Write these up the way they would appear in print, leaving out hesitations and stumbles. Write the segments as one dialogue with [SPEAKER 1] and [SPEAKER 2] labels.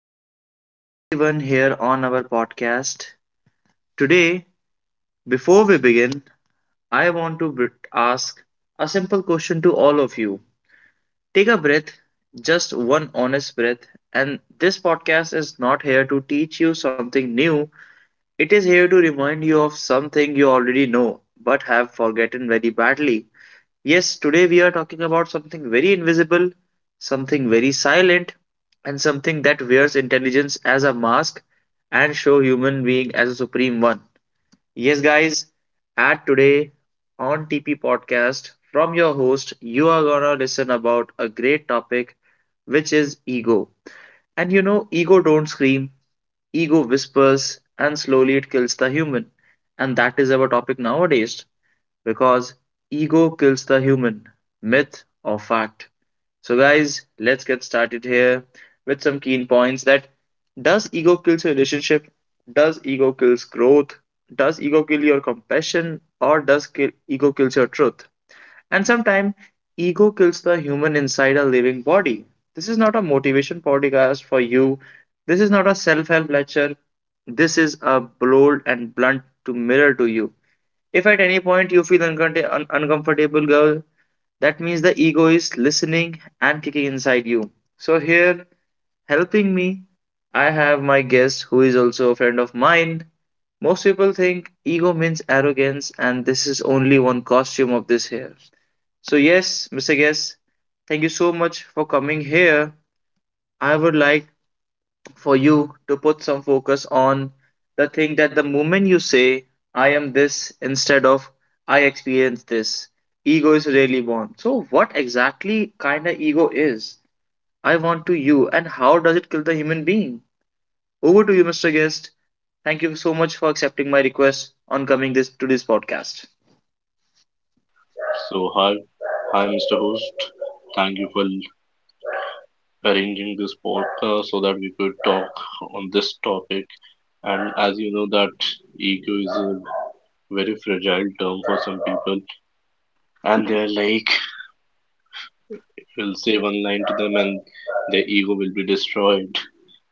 [SPEAKER 1] welcome to everyone here on our podcast. Today, before we begin, I want to ask a simple question to all of you. Take a breath, just one honest breath, and this podcast is not here to teach you something new. It is here to remind you of something you already know but have forgotten very badly. Yes, today we are talking about something very invisible, something very silent, and something that wears intelligence as a mask and show human being as a supreme one. Yes, guys, at today on TP podcast from your host, you are gonna listen about a great topic which is ego. And you know, ego don't scream, ego whispers, and slowly it kills the human. And that is our topic nowadays because ego kills the human, myth or fact. So, guys, let's get started here with some key points that does ego kill your relationship? Does ego kill growth? Does ego kill your compassion? Or ego kills your truth? And sometimes ego kills the human inside a living body. This is not a motivation podcast for you. This is not a self-help lecture. This is a bold and blunt to mirror to you. If at any point you feel uncomfortable, girl, that means the ego is listening and kicking inside you. So, here helping me, I have my guest who is also a friend of mine. Most people think ego means arrogance, and this is only one costume of this here. So, yes, Mr. Guest, thank you so much for coming here. I would like for you to put some focus on the thing that the moment you say, I am this instead of I experience this, ego is really born. So, what exactly kind of ego is? I want to you, and how does it kill the human being? Over to you, Mr. Guest. Thank you so much for accepting my request on coming this to this podcast.
[SPEAKER 2] So hi, Mr. Host. Thank you for arranging this podcast so that we could talk on this topic. And as you know, that ego is a very fragile term for some people, and they're like, we'll say one line to them, and their ego will be destroyed.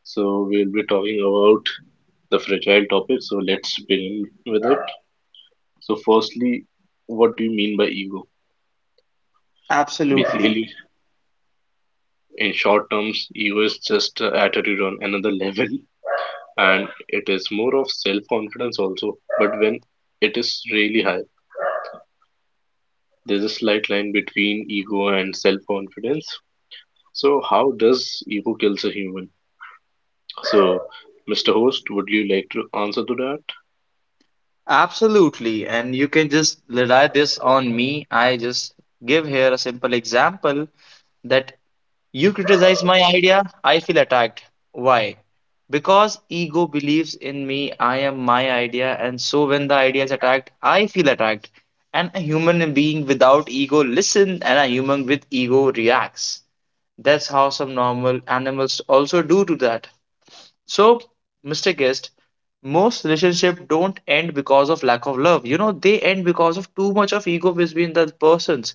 [SPEAKER 2] So we'll be talking about the fragile topic. So let's begin with it. So firstly, what do you mean by ego?
[SPEAKER 1] Absolutely.
[SPEAKER 2] Basically, in short terms, ego is just a attitude on another level, and it is more of self confidence also. But when it is really high, there's a slight line between ego and self confidence. So how does ego kills a human? So, Mr. Host, would you like to answer to that?
[SPEAKER 1] Absolutely. And you can just rely this on me. I just give here a simple example that you criticize my idea, I feel attacked. Why? Because ego believes in me, I am my idea, and so when the idea is attacked, I feel attacked. And a human being without ego listens, and a human with ego reacts. That's how some normal animals also do to that. So, Mr. Guest, most relationship don't end because of lack of love. You know, they end because of too much of ego between the persons.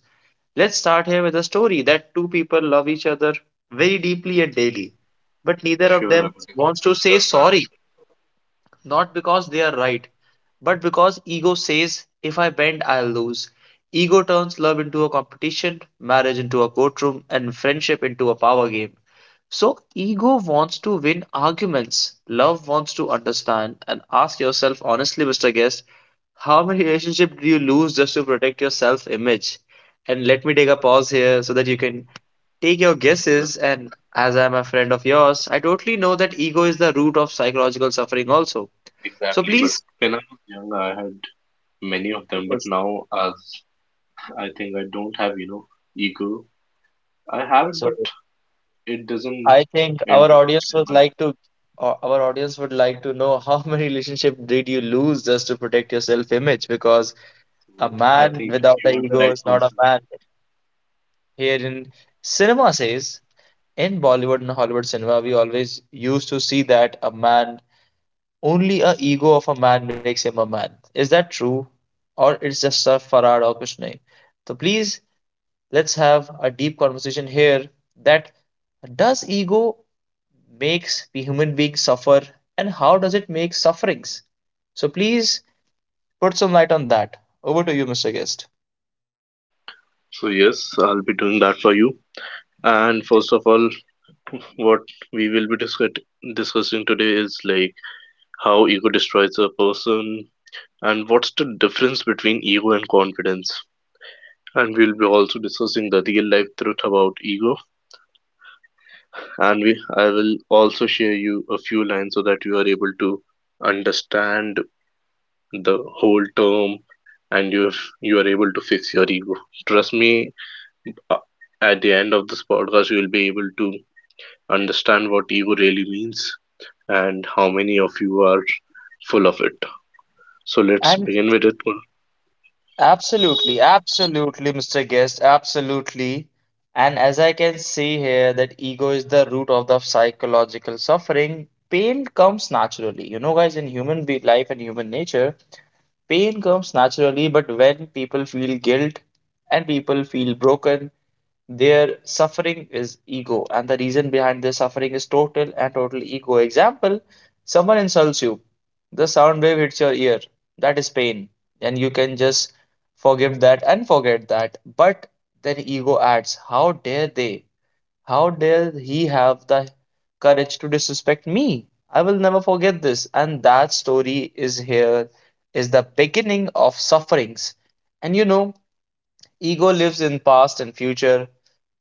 [SPEAKER 1] Let's start here with a story that two people love each other very deeply and daily, but neither of
[SPEAKER 2] Sure, I
[SPEAKER 1] them
[SPEAKER 2] would
[SPEAKER 1] wants to
[SPEAKER 2] definitely
[SPEAKER 1] say
[SPEAKER 2] love
[SPEAKER 1] sorry,
[SPEAKER 2] that.
[SPEAKER 1] not because they are right, but because ego says, if I bend, I'll lose. Ego turns love into a competition, marriage into a courtroom, and friendship into a power game. So, ego wants to win arguments, love wants to understand. And ask yourself honestly, Mr. Guest, how many relationships do you lose just to protect your self image? And let me take a pause here so that you can take your
[SPEAKER 2] Well,
[SPEAKER 1] guesses. And as I'm a friend of yours, I totally know that ego is the root of psychological suffering, also. So,
[SPEAKER 2] exactly. But
[SPEAKER 1] please.
[SPEAKER 2] when I was young, I had many of them. But
[SPEAKER 1] Yes.
[SPEAKER 2] now, as I think I don't have, ego. I have it,
[SPEAKER 1] So,
[SPEAKER 2] but it doesn't
[SPEAKER 1] I think our
[SPEAKER 2] interrupt
[SPEAKER 1] audience
[SPEAKER 2] in
[SPEAKER 1] would
[SPEAKER 2] my.
[SPEAKER 1] like to. Or our audience would like to know how many relationships did you lose just to protect your self-image? Because a
[SPEAKER 2] So I
[SPEAKER 1] man
[SPEAKER 2] think
[SPEAKER 1] without
[SPEAKER 2] you are
[SPEAKER 1] an
[SPEAKER 2] the
[SPEAKER 1] ego
[SPEAKER 2] right
[SPEAKER 1] is not a
[SPEAKER 2] person.
[SPEAKER 1] man. Here in cinema says, in Bollywood and Hollywood cinema, we always used to see that a man, only a ego of a man makes him a man. Is that true? Or it's just a farad or kuch nahi? So please, let's have a deep conversation here that does ego makes the human being suffer and how does it make sufferings? So please put some light on that. Over to you, Mr. Guest.
[SPEAKER 2] So yes, I'll be doing that for you. And first of all, what we will be discussing today is like how ego destroys a person and what's the difference between ego and confidence. And we'll be also discussing the real life truth about ego. And we I will also share you a few lines so that you are able to understand the whole term, and you are able to fix your ego. Trust me, uh, at the end of this podcast, you will be able to understand what ego really means and how many of you are full of it. So let's
[SPEAKER 1] And.
[SPEAKER 2] begin with it.
[SPEAKER 1] Absolutely, absolutely, Mr. Guest, absolutely. And as I can see here, that ego is the root of the psychological suffering. Pain comes naturally. You know, guys, in human be life and human nature, pain comes naturally, but when people feel guilt and people feel broken, their suffering is ego, and the reason behind their suffering is total and total ego. Example, someone insults you, the sound wave hits your ear. That is pain, and you can just forgive that and forget that. But then ego adds, how dare they? How dare he have the courage to disrespect me? I will never forget this. And that story is here, is the beginning of sufferings. And you know, ego lives in past and future.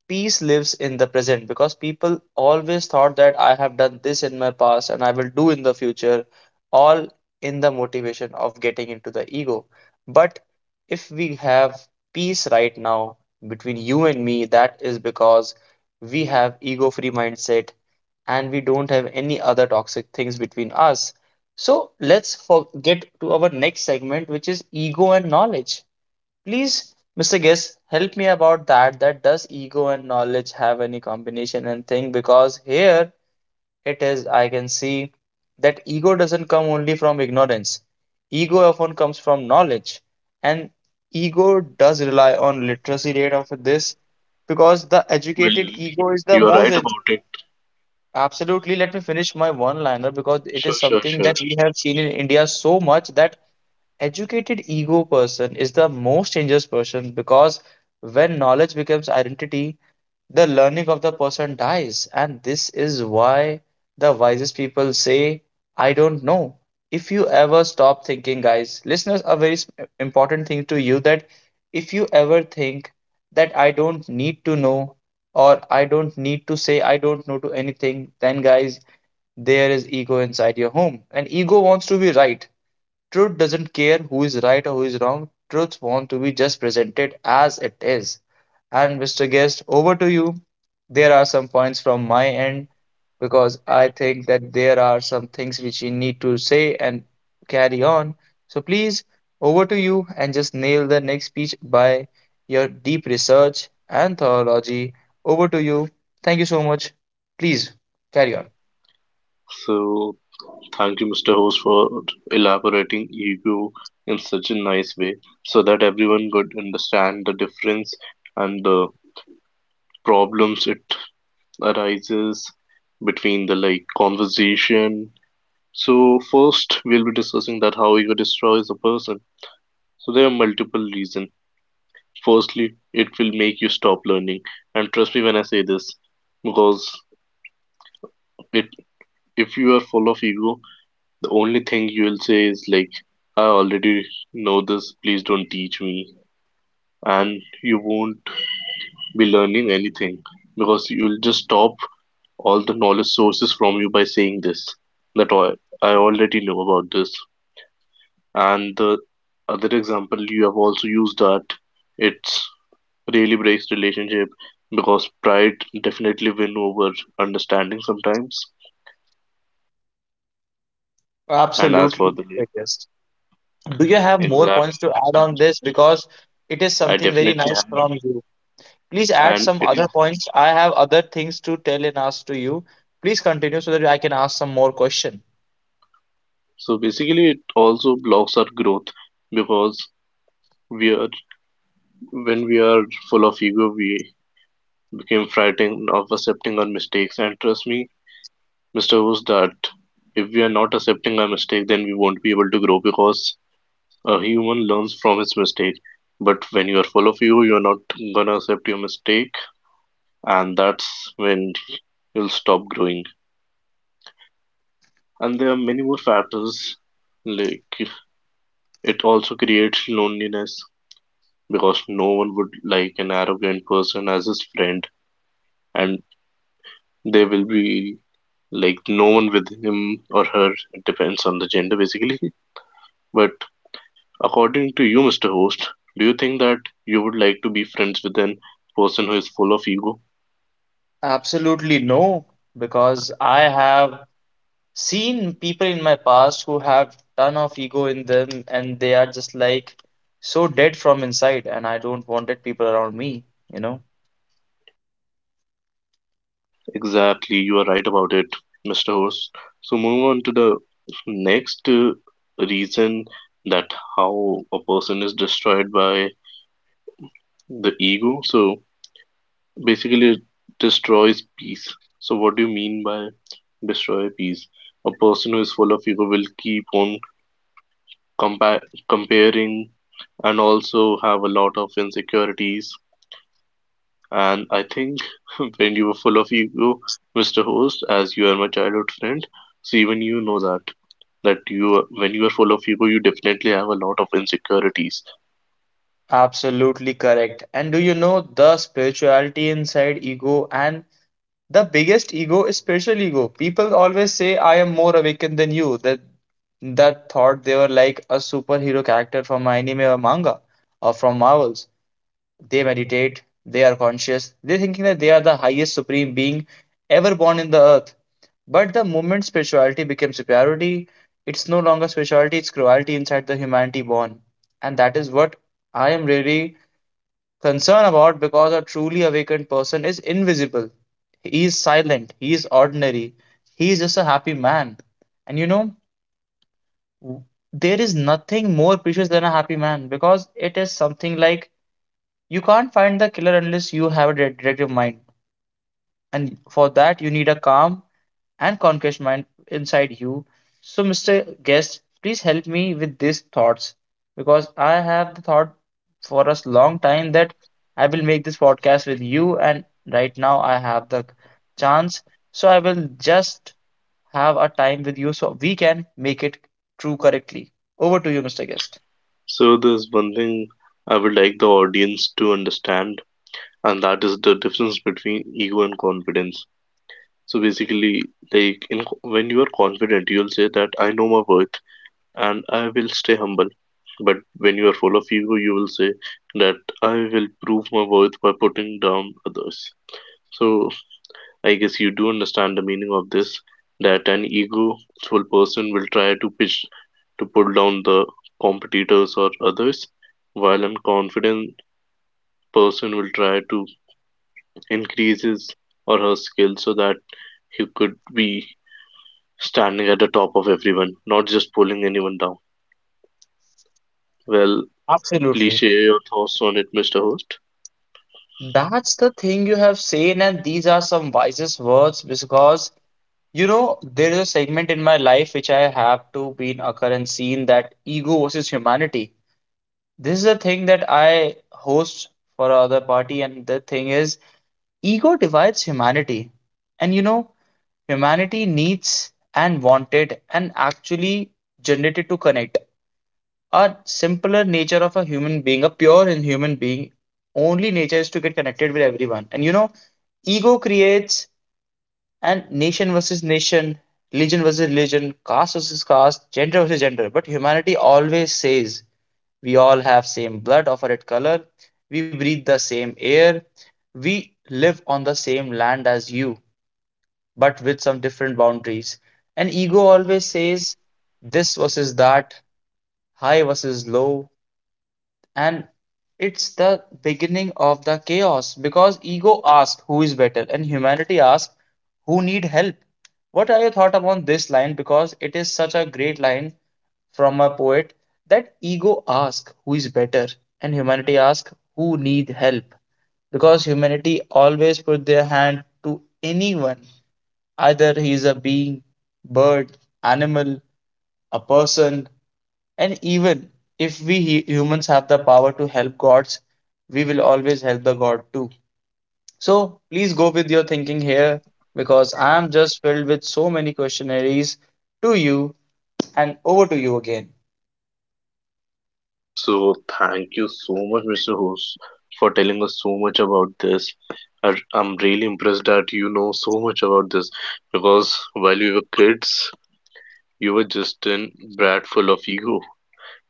[SPEAKER 1] Peace lives in the present because people always thought that I have done this in my past and I will do in the future, all in the motivation of getting into the ego. But if we have peace right now between you and me, that is because we have ego-free mindset and we don't have any other toxic things between us. So let's get to our next segment, which is ego and knowledge. Please, Mr. Guest, help me about that. That does ego and knowledge have any combination and thing? Because here it is, I can see that ego doesn't come only from ignorance. Ego often comes from knowledge, and ego does rely on literacy rate of this because the
[SPEAKER 2] Well,
[SPEAKER 1] educated ego is the
[SPEAKER 2] you are
[SPEAKER 1] most
[SPEAKER 2] right about it.
[SPEAKER 1] absolutely, let me finish my one liner because it
[SPEAKER 2] Sure,
[SPEAKER 1] is
[SPEAKER 2] sure,
[SPEAKER 1] something
[SPEAKER 2] sure.
[SPEAKER 1] that we have seen in India so much that educated ego person is the most dangerous person because when knowledge becomes identity, the learning of the person dies. And this is why the wisest people say, I don't know. If you ever stop thinking, guys, listeners, a very important thing to you that if you ever think that I don't need to know or I don't need to say I don't know to anything, then guys, there is ego inside your home. And ego wants to be right. Truth doesn't care who is right or who is wrong. Truths want to be just presented as it is. And Mr. Guest, over to you. There are some points from my end because I think that there are some things which you need to say and carry on. So please, over to you and just nail the next speech by your deep research and theology. Over to you. Thank you so much. Please carry on.
[SPEAKER 2] So thank you, Mr. Host, for elaborating ego in such a nice way so that everyone could understand the difference and the problems it arises between the like conversation. So first we'll be discussing that how ego destroys a person. So there are multiple reasons. Firstly, it will make you stop learning, and trust me when I say this, because it if you are full of ego, the only thing you will say is like, I already know this, please don't teach me, and you won't be learning anything because you'll just stop all the knowledge sources from you by saying this that I already know about this. And the other example you have also used that it's really breaks relationship because pride definitely win over understanding sometimes. And as
[SPEAKER 1] Absolutely,
[SPEAKER 2] for the
[SPEAKER 1] Mr. Guest. Do you have more
[SPEAKER 2] exact
[SPEAKER 1] points to add
[SPEAKER 2] most of
[SPEAKER 1] on this? Because it is
[SPEAKER 2] it, I
[SPEAKER 1] something very
[SPEAKER 2] definitely
[SPEAKER 1] nice
[SPEAKER 2] have,
[SPEAKER 1] from you. Please add
[SPEAKER 2] and
[SPEAKER 1] some
[SPEAKER 2] it
[SPEAKER 1] other
[SPEAKER 2] is,
[SPEAKER 1] points. I have other things to tell and ask to you. Please continue so that I can ask some more question.
[SPEAKER 2] so basically it also blocks our growth because we are when we are full of ego, we became frightened of accepting our mistakes. And trust me, Mr. Who's that, if we are not accepting our mistake, then we won't be able to grow because a human learns from his mistake, but when you're full of you, you're not gonna accept your mistake, and that's when you'll stop growing. And there are many more factors, like it also creates loneliness because no one would like an arrogant person as his friend, and there will be like no one with him or her. It depends on the gender, basically. But according to you, Mr. Host, do you think that you would like to be friends with an person who is full of ego?
[SPEAKER 1] Absolutely no, because I have seen people in my past who have ton of ego in them and they are just like so dead from inside and I don't wanted people around me, you know.
[SPEAKER 2] Exactly, you are right about it, Mr. Host. So move on to the next reason that how a person is destroyed by the ego. So basically, it destroys peace. So what do you mean by destroy peace? A person who is full of ego will keep on compa comparing and also have a lot of insecurities. And I think when you were full of ego, Mr. Host, as you are my childhood friend, so even you know that. When you are full of ego, you definitely have a lot of insecurities.
[SPEAKER 1] Absolutely correct. And do you know the spirituality inside ego and the biggest ego is spiritual ego. People always say, I am more awakened than you. That thought they were like a superhero character from anime or manga or from Marvels. They meditate, they are conscious, they're thinking that they are the highest supreme being ever born in the earth. But the moment spirituality becomes superiority, it's no longer spirituality, it's cruelty inside the humanity born. And that is what I am really concern about because a truly awakened person is invisible. He is silent. He is ordinary. He is just a happy man. And you know, there is nothing more precious than a happy man because it is something like you can't find the killer unless you have a detective mind and for that you need a calm and conquest mind inside you. So, Mr. Guest, please help me with these thoughts because I have the thought for a long time that I will make this podcast with you, and right now I have the chance. So, I will just have a time with you so we can make it true correctly. Over to you, Mr. Guest.
[SPEAKER 2] So there's one thing I would like the audience to understand, and that is the difference between ego and confidence. So basically, when you are confident, you'll say that I know my worth and I will stay humble. But when you are full of ego, you will say that I will prove my worth by putting down others. So I guess you do understand the meaning of this, that an egoful person will try to pitch to pull down the competitors or others, while an confident person will try to increase his or her skill so that he could be standing at the top of everyone, not just pulling anyone down. Well, please
[SPEAKER 1] Absolutely.
[SPEAKER 2] share your thoughts on it, Mr. Host.
[SPEAKER 1] That's the thing you have said, and these are some wisest words because you know, there is a segment in my life which I have to be in occurrence seen that ego versus humanity. This is a thing that I host for other party, and the thing is, ego divides humanity. And you know, humanity needs and wanted and actually generated to connect. A simpler nature of a human being, a pure in human being, only nature is to get connected with everyone. And you know, ego creates and nation versus nation, religion versus religion, caste versus caste, gender versus gender. But humanity always says we all have same blood of a red color, we breathe the same air, we live on the same land as you, but with some different boundaries. And ego always says this versus that, high versus low, and it's the beginning of the chaos because ego asks who is better and humanity asks who need help. What are your thoughts upon this line, because it is such a great line from a poet, that ego asks who is better and humanity asks who need help? Because humanity always put their hand to anyone, either he is a being, bird, animal, a person. And even if we humans have the power to help gods, we will always help the god too. So please go with your thinking here because I am just filled with so many questionnaires to you, and over to you again.
[SPEAKER 2] So thank you so much, Mr. Host, for telling us so much about this. I'm really impressed that you know so much about this, because while we were kids, you were just in brat full of ego,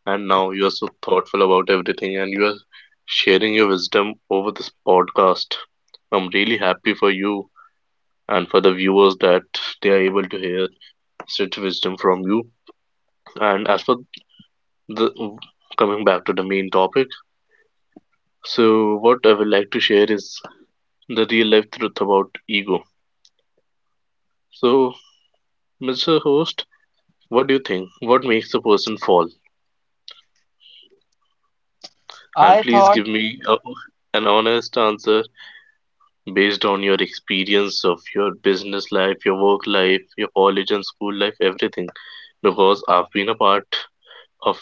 [SPEAKER 2] and now you are so thoughtful about everything, and you are sharing your wisdom over this podcast. I'm really happy for you and for the viewers that they are able to hear such wisdom from you. And as for the coming back to the main topic. So what I would like to share is the real life truth about ego. So, Mr. Host, what do you think? What makes a person fall? And
[SPEAKER 1] I
[SPEAKER 2] please
[SPEAKER 1] thought
[SPEAKER 2] give me an honest answer based on your experience of your business life, your work life, your college and school life, everything. Because I've been a part of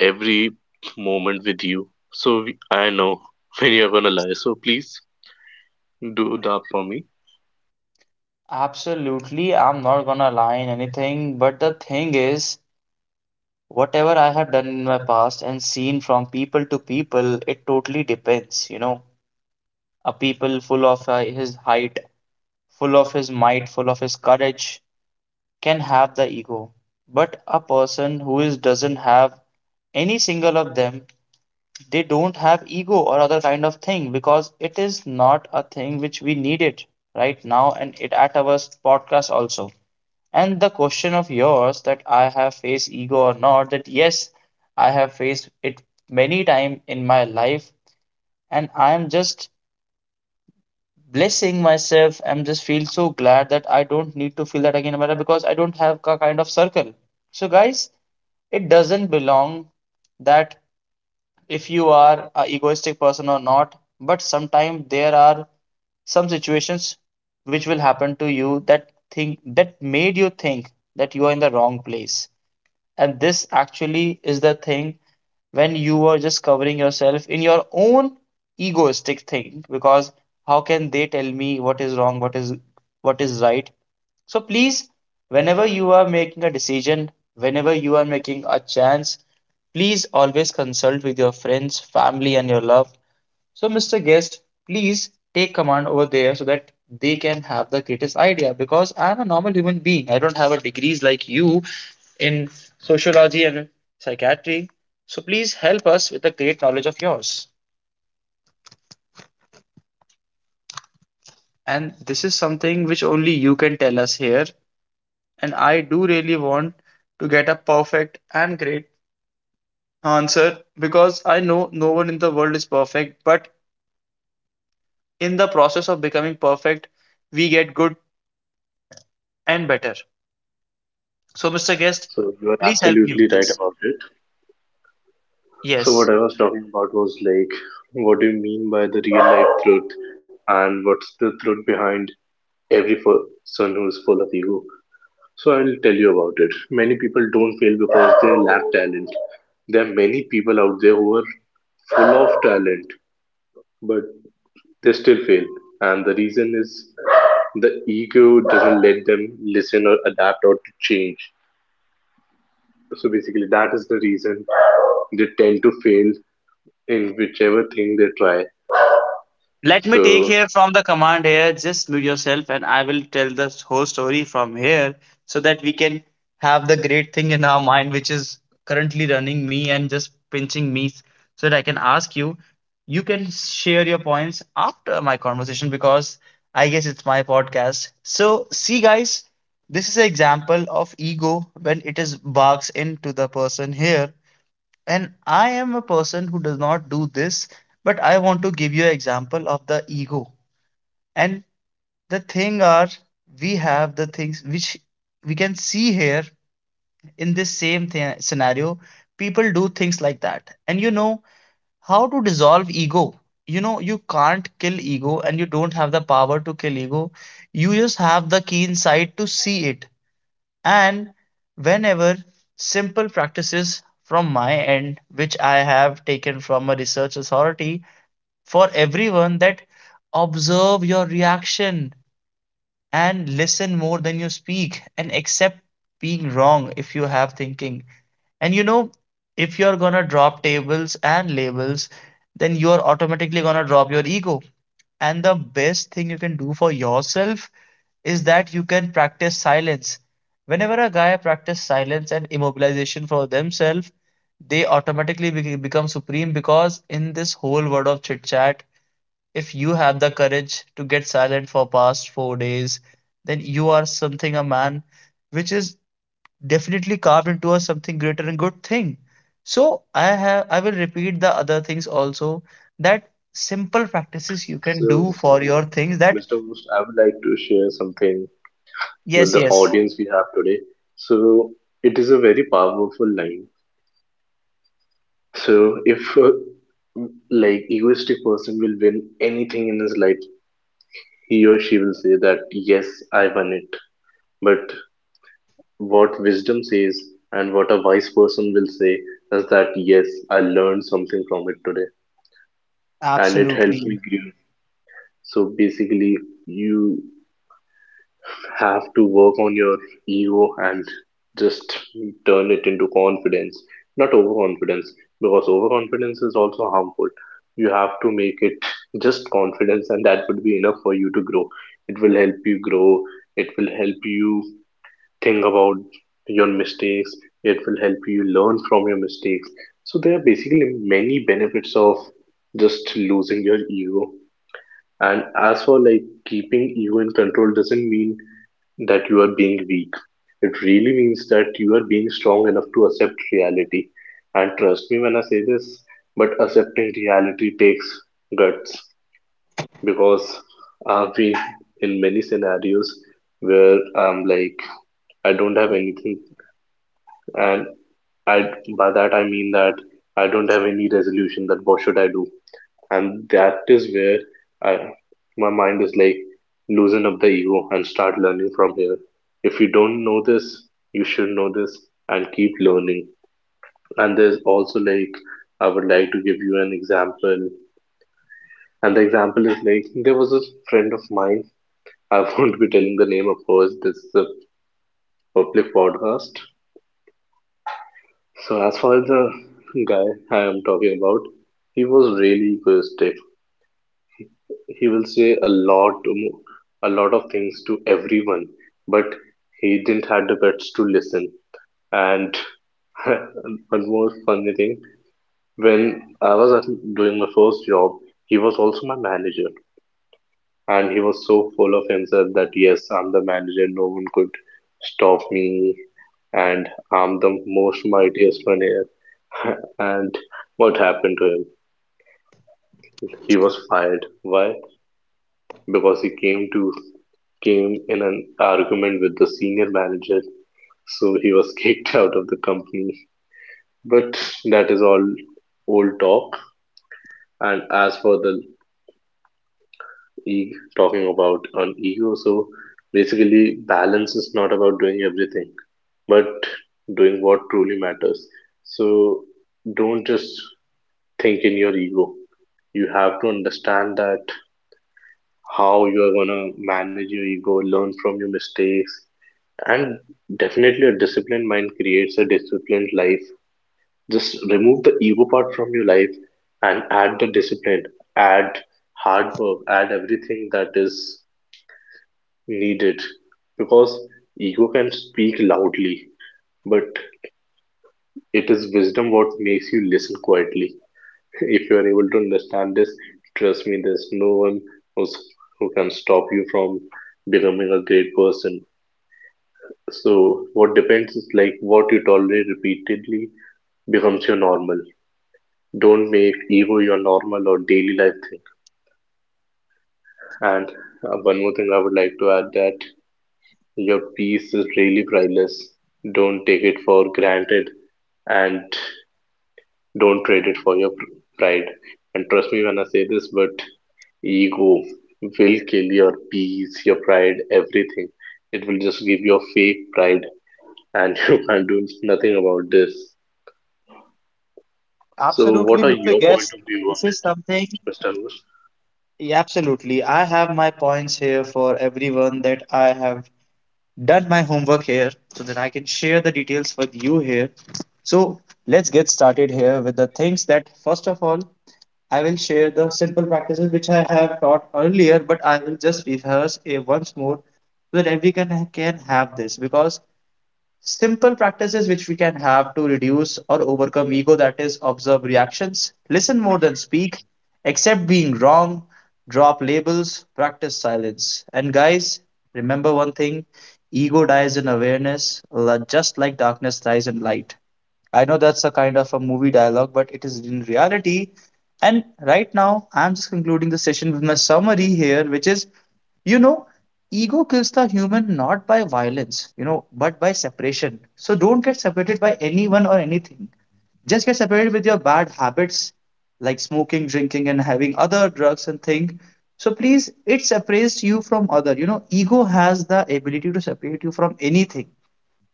[SPEAKER 2] every moment with you. So, I know when you're gonna lie. So please do that for me.
[SPEAKER 1] absolutely I'm not gonna lie in anything, but the thing is, whatever I have done in my past and seen from people to people, it totally depends, you know. A people full of his height, full of his might, full of his courage can have the ego, but a person who is doesn't have any single of them, they don't have ego or other kind of thing because it is not a thing which we need it right now, and it at our podcast also. And the question of yours, that I have faced ego or not, that yes, I have faced it many time in my life. And I am just blessing myself. I'm just feel so glad that I don't need to feel that again, Amara, because I don't have a kind of circle. So, guys, it doesn't belong that if you are a egoistic person or not, but sometimes there are some situations which will happen to you that think that made you think that you are in the wrong place. And this actually is the thing when you are just covering yourself in your own egoistic thing, because how can they tell me what is wrong, what is right? So please, whenever you are making a decision, whenever you are making a chance, please always consult with your friends, family, and your love. So, Mr. Guest, please take command over there so that they can have the greatest idea, because I'm a normal human being. I don't have a degrees like you in sociology and psychiatry. So please help us with the great knowledge of yours. And this is something which only you can tell us here. And I do really want to get a perfect and great answer, because I know no one in the world is perfect, but in the process of becoming perfect, we get good and better. So, Mr. Guest,
[SPEAKER 2] So, you are
[SPEAKER 1] please help me with
[SPEAKER 2] absolutely right
[SPEAKER 1] this.
[SPEAKER 2] about it. So what
[SPEAKER 1] Yes.
[SPEAKER 2] I was talking about was like, what do you mean by the real life truth, and what's the truth behind every person who is full of ego? So I'll tell you about it. Many people don't fail because they lack talent. There are many people out there who are full of talent, but they still fail, and the reason is the ego doesn't let them listen or adapt or to change. So basically, that is the reason they tend to fail in whichever thing they try.
[SPEAKER 1] Let me take
[SPEAKER 2] So
[SPEAKER 1] here from the command here. Just mute yourself, and I will tell the whole story from here, so that we can have the great thing in our mind, which is currently running me and just pinching me, so that I can ask you. You can share your points after my conversation, because I guess it's my podcast. So, see, guys, this is an example of ego when it is barks into the person here. And I am a person who does not do this, but I want to give you an example of the ego. And the thing are, we have the things which we can see here in this same scenario. People do things like that, and you know, how to dissolve ego. You know, you can't kill ego, and you don't have the power to kill ego. You just have the keen sight to see it. And whenever, simple practices from my end which I have taken from a research authority for everyone, that observe your reaction and listen more than you speak, and accept being wrong if you have thinking. And you know, if you're gonna drop tables and labels, then you're automatically gonna drop your ego. And the best thing you can do for yourself is that you can practice silence. Whenever a guy practice silence and immobilization for themselves, they automatically become supreme, because in this whole world of chit chat, if you have the courage to get silent for past 4 days, then you are something a man which is definitely carved into a something greater and good thing. So I will repeat the other things also, that simple practices you can do
[SPEAKER 2] So,
[SPEAKER 1] for your things that
[SPEAKER 2] Mr. Most, I would like to share something
[SPEAKER 1] yes,
[SPEAKER 2] with the
[SPEAKER 1] yes,
[SPEAKER 2] audience we have today. So it is a very powerful line. So if like egoistic person will win anything in his life, he or she will say that yes, I won it. But what wisdom says and what a wise person will say is that yes, I learned something from it today and it helped
[SPEAKER 1] absolutely.
[SPEAKER 2] me grow. So basically, you have to work on your ego and just turn it into confidence, not overconfidence, because overconfidence is also harmful. You have to make it just confidence, and that would be enough for you to grow. It will help you grow, it will help you think about your mistakes, it will help you learn from your mistakes. So there are basically many benefits of just losing your ego. And as for like keeping ego in control, doesn't mean that you are being weak. It really means that you are being strong enough to accept reality. And trust me when I say this, but accepting reality takes guts, because I've been in many scenarios where I'm like, I don't have anything, and I by that I mean that I don't have any resolution. That what should I do? And that is where I, my mind is like loosen up the ego and start learning from here. If you don't know this, you should know this, and keep learning. And there's also like I would like to give you an example, and the example is like there was a friend of mine. I won't be telling the name, of course this is a public podcast. So as far as the guy I am talking about, he was really egoistic. He will say a lot of things to everyone, but he didn't have the guts to listen. And one more funny thing, when i was at- doing my first job, he was also my manager, and he was so full of himself that yes, I'm the manager, no one could stop me, and I'm the most mightiest one here. And what happened to him? He was fired. Why? Because he came to came in an argument with the senior manager, so he was kicked out of the company. But that is all old talk. And as for the e talking about an ego, so basically balance is not about doing everything, but doing what truly matters. So don't just think in your ego. You have to understand that how you are gonna manage your ego, learn from your mistakes. And definitely, a disciplined mind creates a disciplined life. Just remove the ego part from your life and add the discipline, add hard work, add everything that is needed. Because ego can speak loudly, but it is wisdom what makes you listen quietly. If you are able to understand this, trust me, there's no one who's, who can stop you from becoming a great person. So what depends is like what you tolerate repeatedly becomes your normal. Don't make ego your normal or daily life thing. And one more thing I would like to add, that your peace is really priceless. Don't take it for granted and don't trade it for your pride. And trust me when I say this, but ego will kill your peace, your pride, everything. It will just give you a fake pride, and you can't do nothing about this. So what
[SPEAKER 1] Absolutely,
[SPEAKER 2] are
[SPEAKER 1] Mr.
[SPEAKER 2] your point
[SPEAKER 1] Guest.
[SPEAKER 2] of view on
[SPEAKER 1] This is
[SPEAKER 2] it,
[SPEAKER 1] something.
[SPEAKER 2] Mr. Anwar?
[SPEAKER 1] Yeah, absolutely. I have my points here for everyone, that I have done my homework here so that I can share the details with you here. So let's get started here with the things that first of all, I will share the simple practices which I have taught earlier, but I will just rehearse it once more so that everyone can have this. Because simple practices which we can have to reduce or overcome ego, that is, observe reactions, listen more than speak, accept being wrong, drop labels, practice silence. And guys, remember one thing: ego dies in awareness, just like darkness dies in light. I know that's a kind of a movie dialogue, but it is in reality. And right now I'm just concluding the session with my summary here, which is, you know, ego kills the human not by violence, you know, but by separation. So don't get separated by anyone or anything. Just get separated with your bad habits like smoking, drinking, and having other drugs and thing. So please, it separates you from other. You know, ego has the ability to separate you from anything,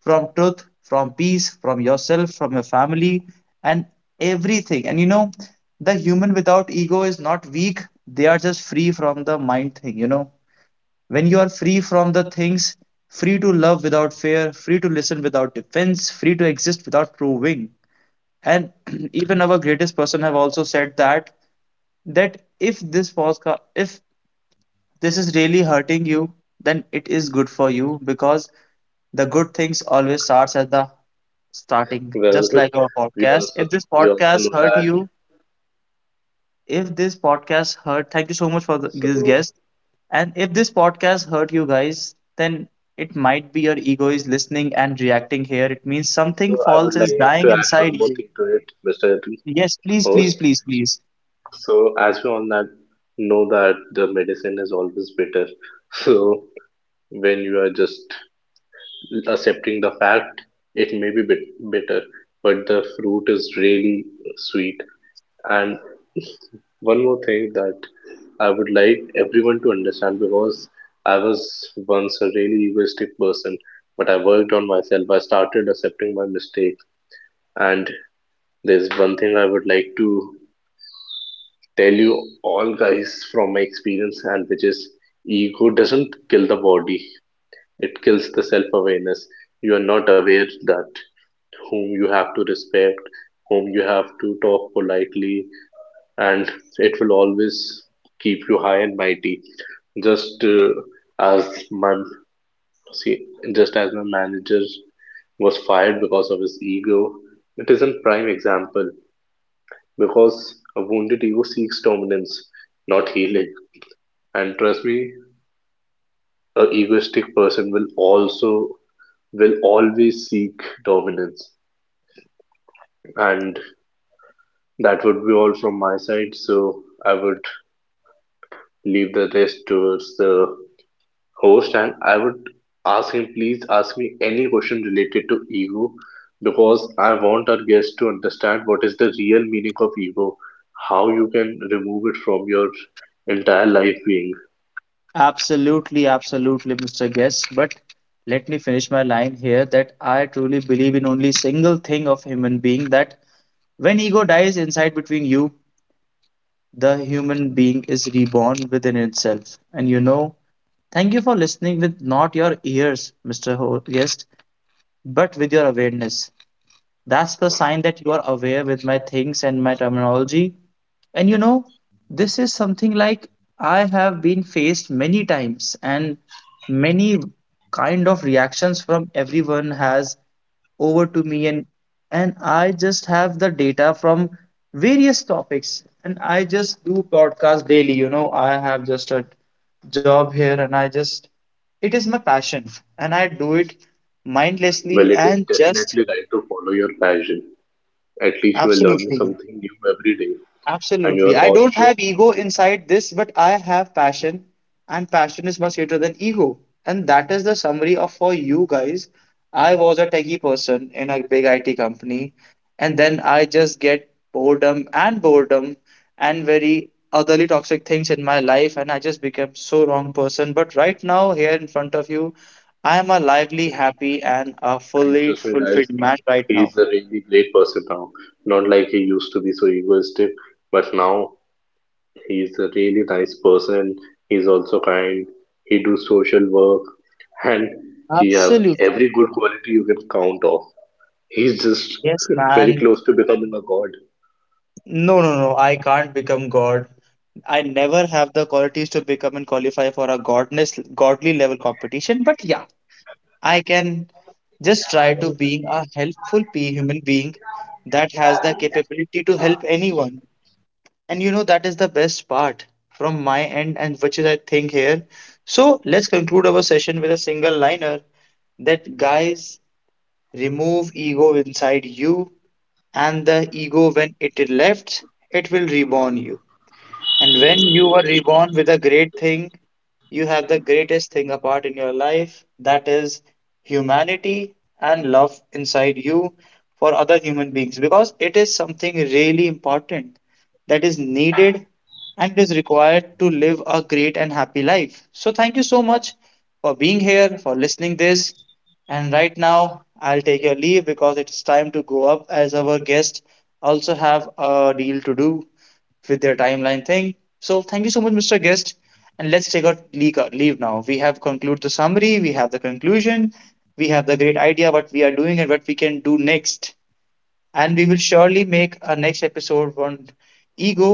[SPEAKER 1] from truth, from peace, from yourself, from your family, and everything. And you know, the human without ego is not weak. They are just free from the mind thing, you know, when you are free from the things, free to love without fear, free to listen without defense, free to exist without proving. And even our greatest person have also said that, that if this podcast, if this is really hurting you, then it is good for you, because the good things always starts at the starting,
[SPEAKER 2] Well,
[SPEAKER 1] just like our
[SPEAKER 2] we
[SPEAKER 1] podcast.
[SPEAKER 2] also
[SPEAKER 1] If this
[SPEAKER 2] we also
[SPEAKER 1] podcast
[SPEAKER 2] know
[SPEAKER 1] hurt
[SPEAKER 2] that.
[SPEAKER 1] you, if this podcast hurt, thank you so much for the, this
[SPEAKER 2] So
[SPEAKER 1] guest. And if this podcast hurt you guys, then it might be your ego is listening and reacting here. It means something
[SPEAKER 2] so I would
[SPEAKER 1] false is
[SPEAKER 2] like
[SPEAKER 1] dying
[SPEAKER 2] to add
[SPEAKER 1] inside
[SPEAKER 2] one more
[SPEAKER 1] you.
[SPEAKER 2] thing to it, Mr.
[SPEAKER 1] Yes, please, please,
[SPEAKER 2] Host.
[SPEAKER 1] please, please.
[SPEAKER 2] So as we all that know that the medicine is always better. So when you are just accepting the fact, it may be bit bitter, but the fruit is really sweet. And one more thing that I would like everyone to understand, because I was once a really egoistic person, but I worked on myself. I started accepting my mistakes. And there's one thing I would like to tell you all guys from my experience, and which is ego doesn't kill the body, it kills the self awareness. You are not aware that whom you have to respect, whom you have to talk politely, and it will always keep you high and mighty, just as my see just as my manager was fired because of his ego. It is a prime example, because a wounded ego seeks dominance, not healing. And trust me, a egoistic person will also will always seek dominance. And that would be all from my side, so I would leave the rest towards the host, and I would ask him, please ask me any question related to ego, because I want our guests to understand what is the real meaning of ego, how you can remove it from your entire life being.
[SPEAKER 1] Absolutely, absolutely, Mr. Guest. But let me finish my line here that I truly believe in only single thing of human being, that when ego dies inside between you, the human being is reborn within itself. And you know, thank you for listening with not your ears, Mr. Guest, but with your awareness. That's the sign that you are aware with my things and my terminology. And you know, this is something like I have been faced many times, and many kind of reactions from everyone has over to me. And I just have the data from various topics, and I just do podcast daily. You know, I have just a job here, and I just, it is my passion, and I do it
[SPEAKER 2] Well,
[SPEAKER 1] mindlessly
[SPEAKER 2] it is
[SPEAKER 1] and just.
[SPEAKER 2] definitely right to follow your passion. At least you are learning
[SPEAKER 1] Absolutely.
[SPEAKER 2] something new every day. And you
[SPEAKER 1] Absolutely.
[SPEAKER 2] are
[SPEAKER 1] I don't
[SPEAKER 2] also,
[SPEAKER 1] have ego inside this, but I have passion, and passion is much greater than ego. And that is the summary of for you guys. I was a techie person in a big IT company, and then I just get boredom and boredom and very otherly toxic things in my life, and I just became so wrong person. But right now, here in front of you, I am a lively, happy, and a
[SPEAKER 2] and
[SPEAKER 1] fully
[SPEAKER 2] trust me guys,
[SPEAKER 1] fulfilled man right
[SPEAKER 2] he
[SPEAKER 1] now.
[SPEAKER 2] is a really great person now. Not like he used to be so egoistic, but now he's a really nice person. He's also kind. He do social work, and he have
[SPEAKER 1] Absolutely.
[SPEAKER 2] every good quality you can count off. He's just
[SPEAKER 1] Yes,
[SPEAKER 2] very
[SPEAKER 1] man.
[SPEAKER 2] close to becoming a god.
[SPEAKER 1] No, no, no. I can't become God. I never have the qualities to become and qualify for a godness, godly level competition. But yeah, I can just try to being a helpful pe human being that has the capability to help anyone. And you know, that is the best part from my end, and which is I think here. So let's conclude our session with a single liner, that guys, remove ego inside you, and the ego when it left, it will reborn you. And when you were reborn with a great thing, you have the greatest thing apart in your life, that is humanity and love inside you for other human beings, because it is something really important that is needed and is required to live a great and happy life. So thank you so much for being here, for listening this. And right now I'll take your leave, because it's time to go up, as our guest also have a deal to do with their timeline thing. So thank you so much, Mr. Guest. And let's take our leave now. We have concluded the summary, we have the conclusion, we have the great idea what we are doing and what we can do next. And we will surely make a next episode on ego.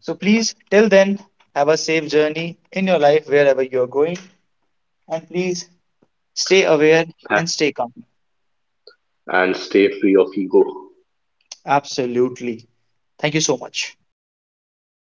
[SPEAKER 1] So please, till then, have a safe journey in your life wherever you're going. And please stay aware and stay calm.
[SPEAKER 2] And stay free of ego.
[SPEAKER 1] Absolutely. Thank you so much.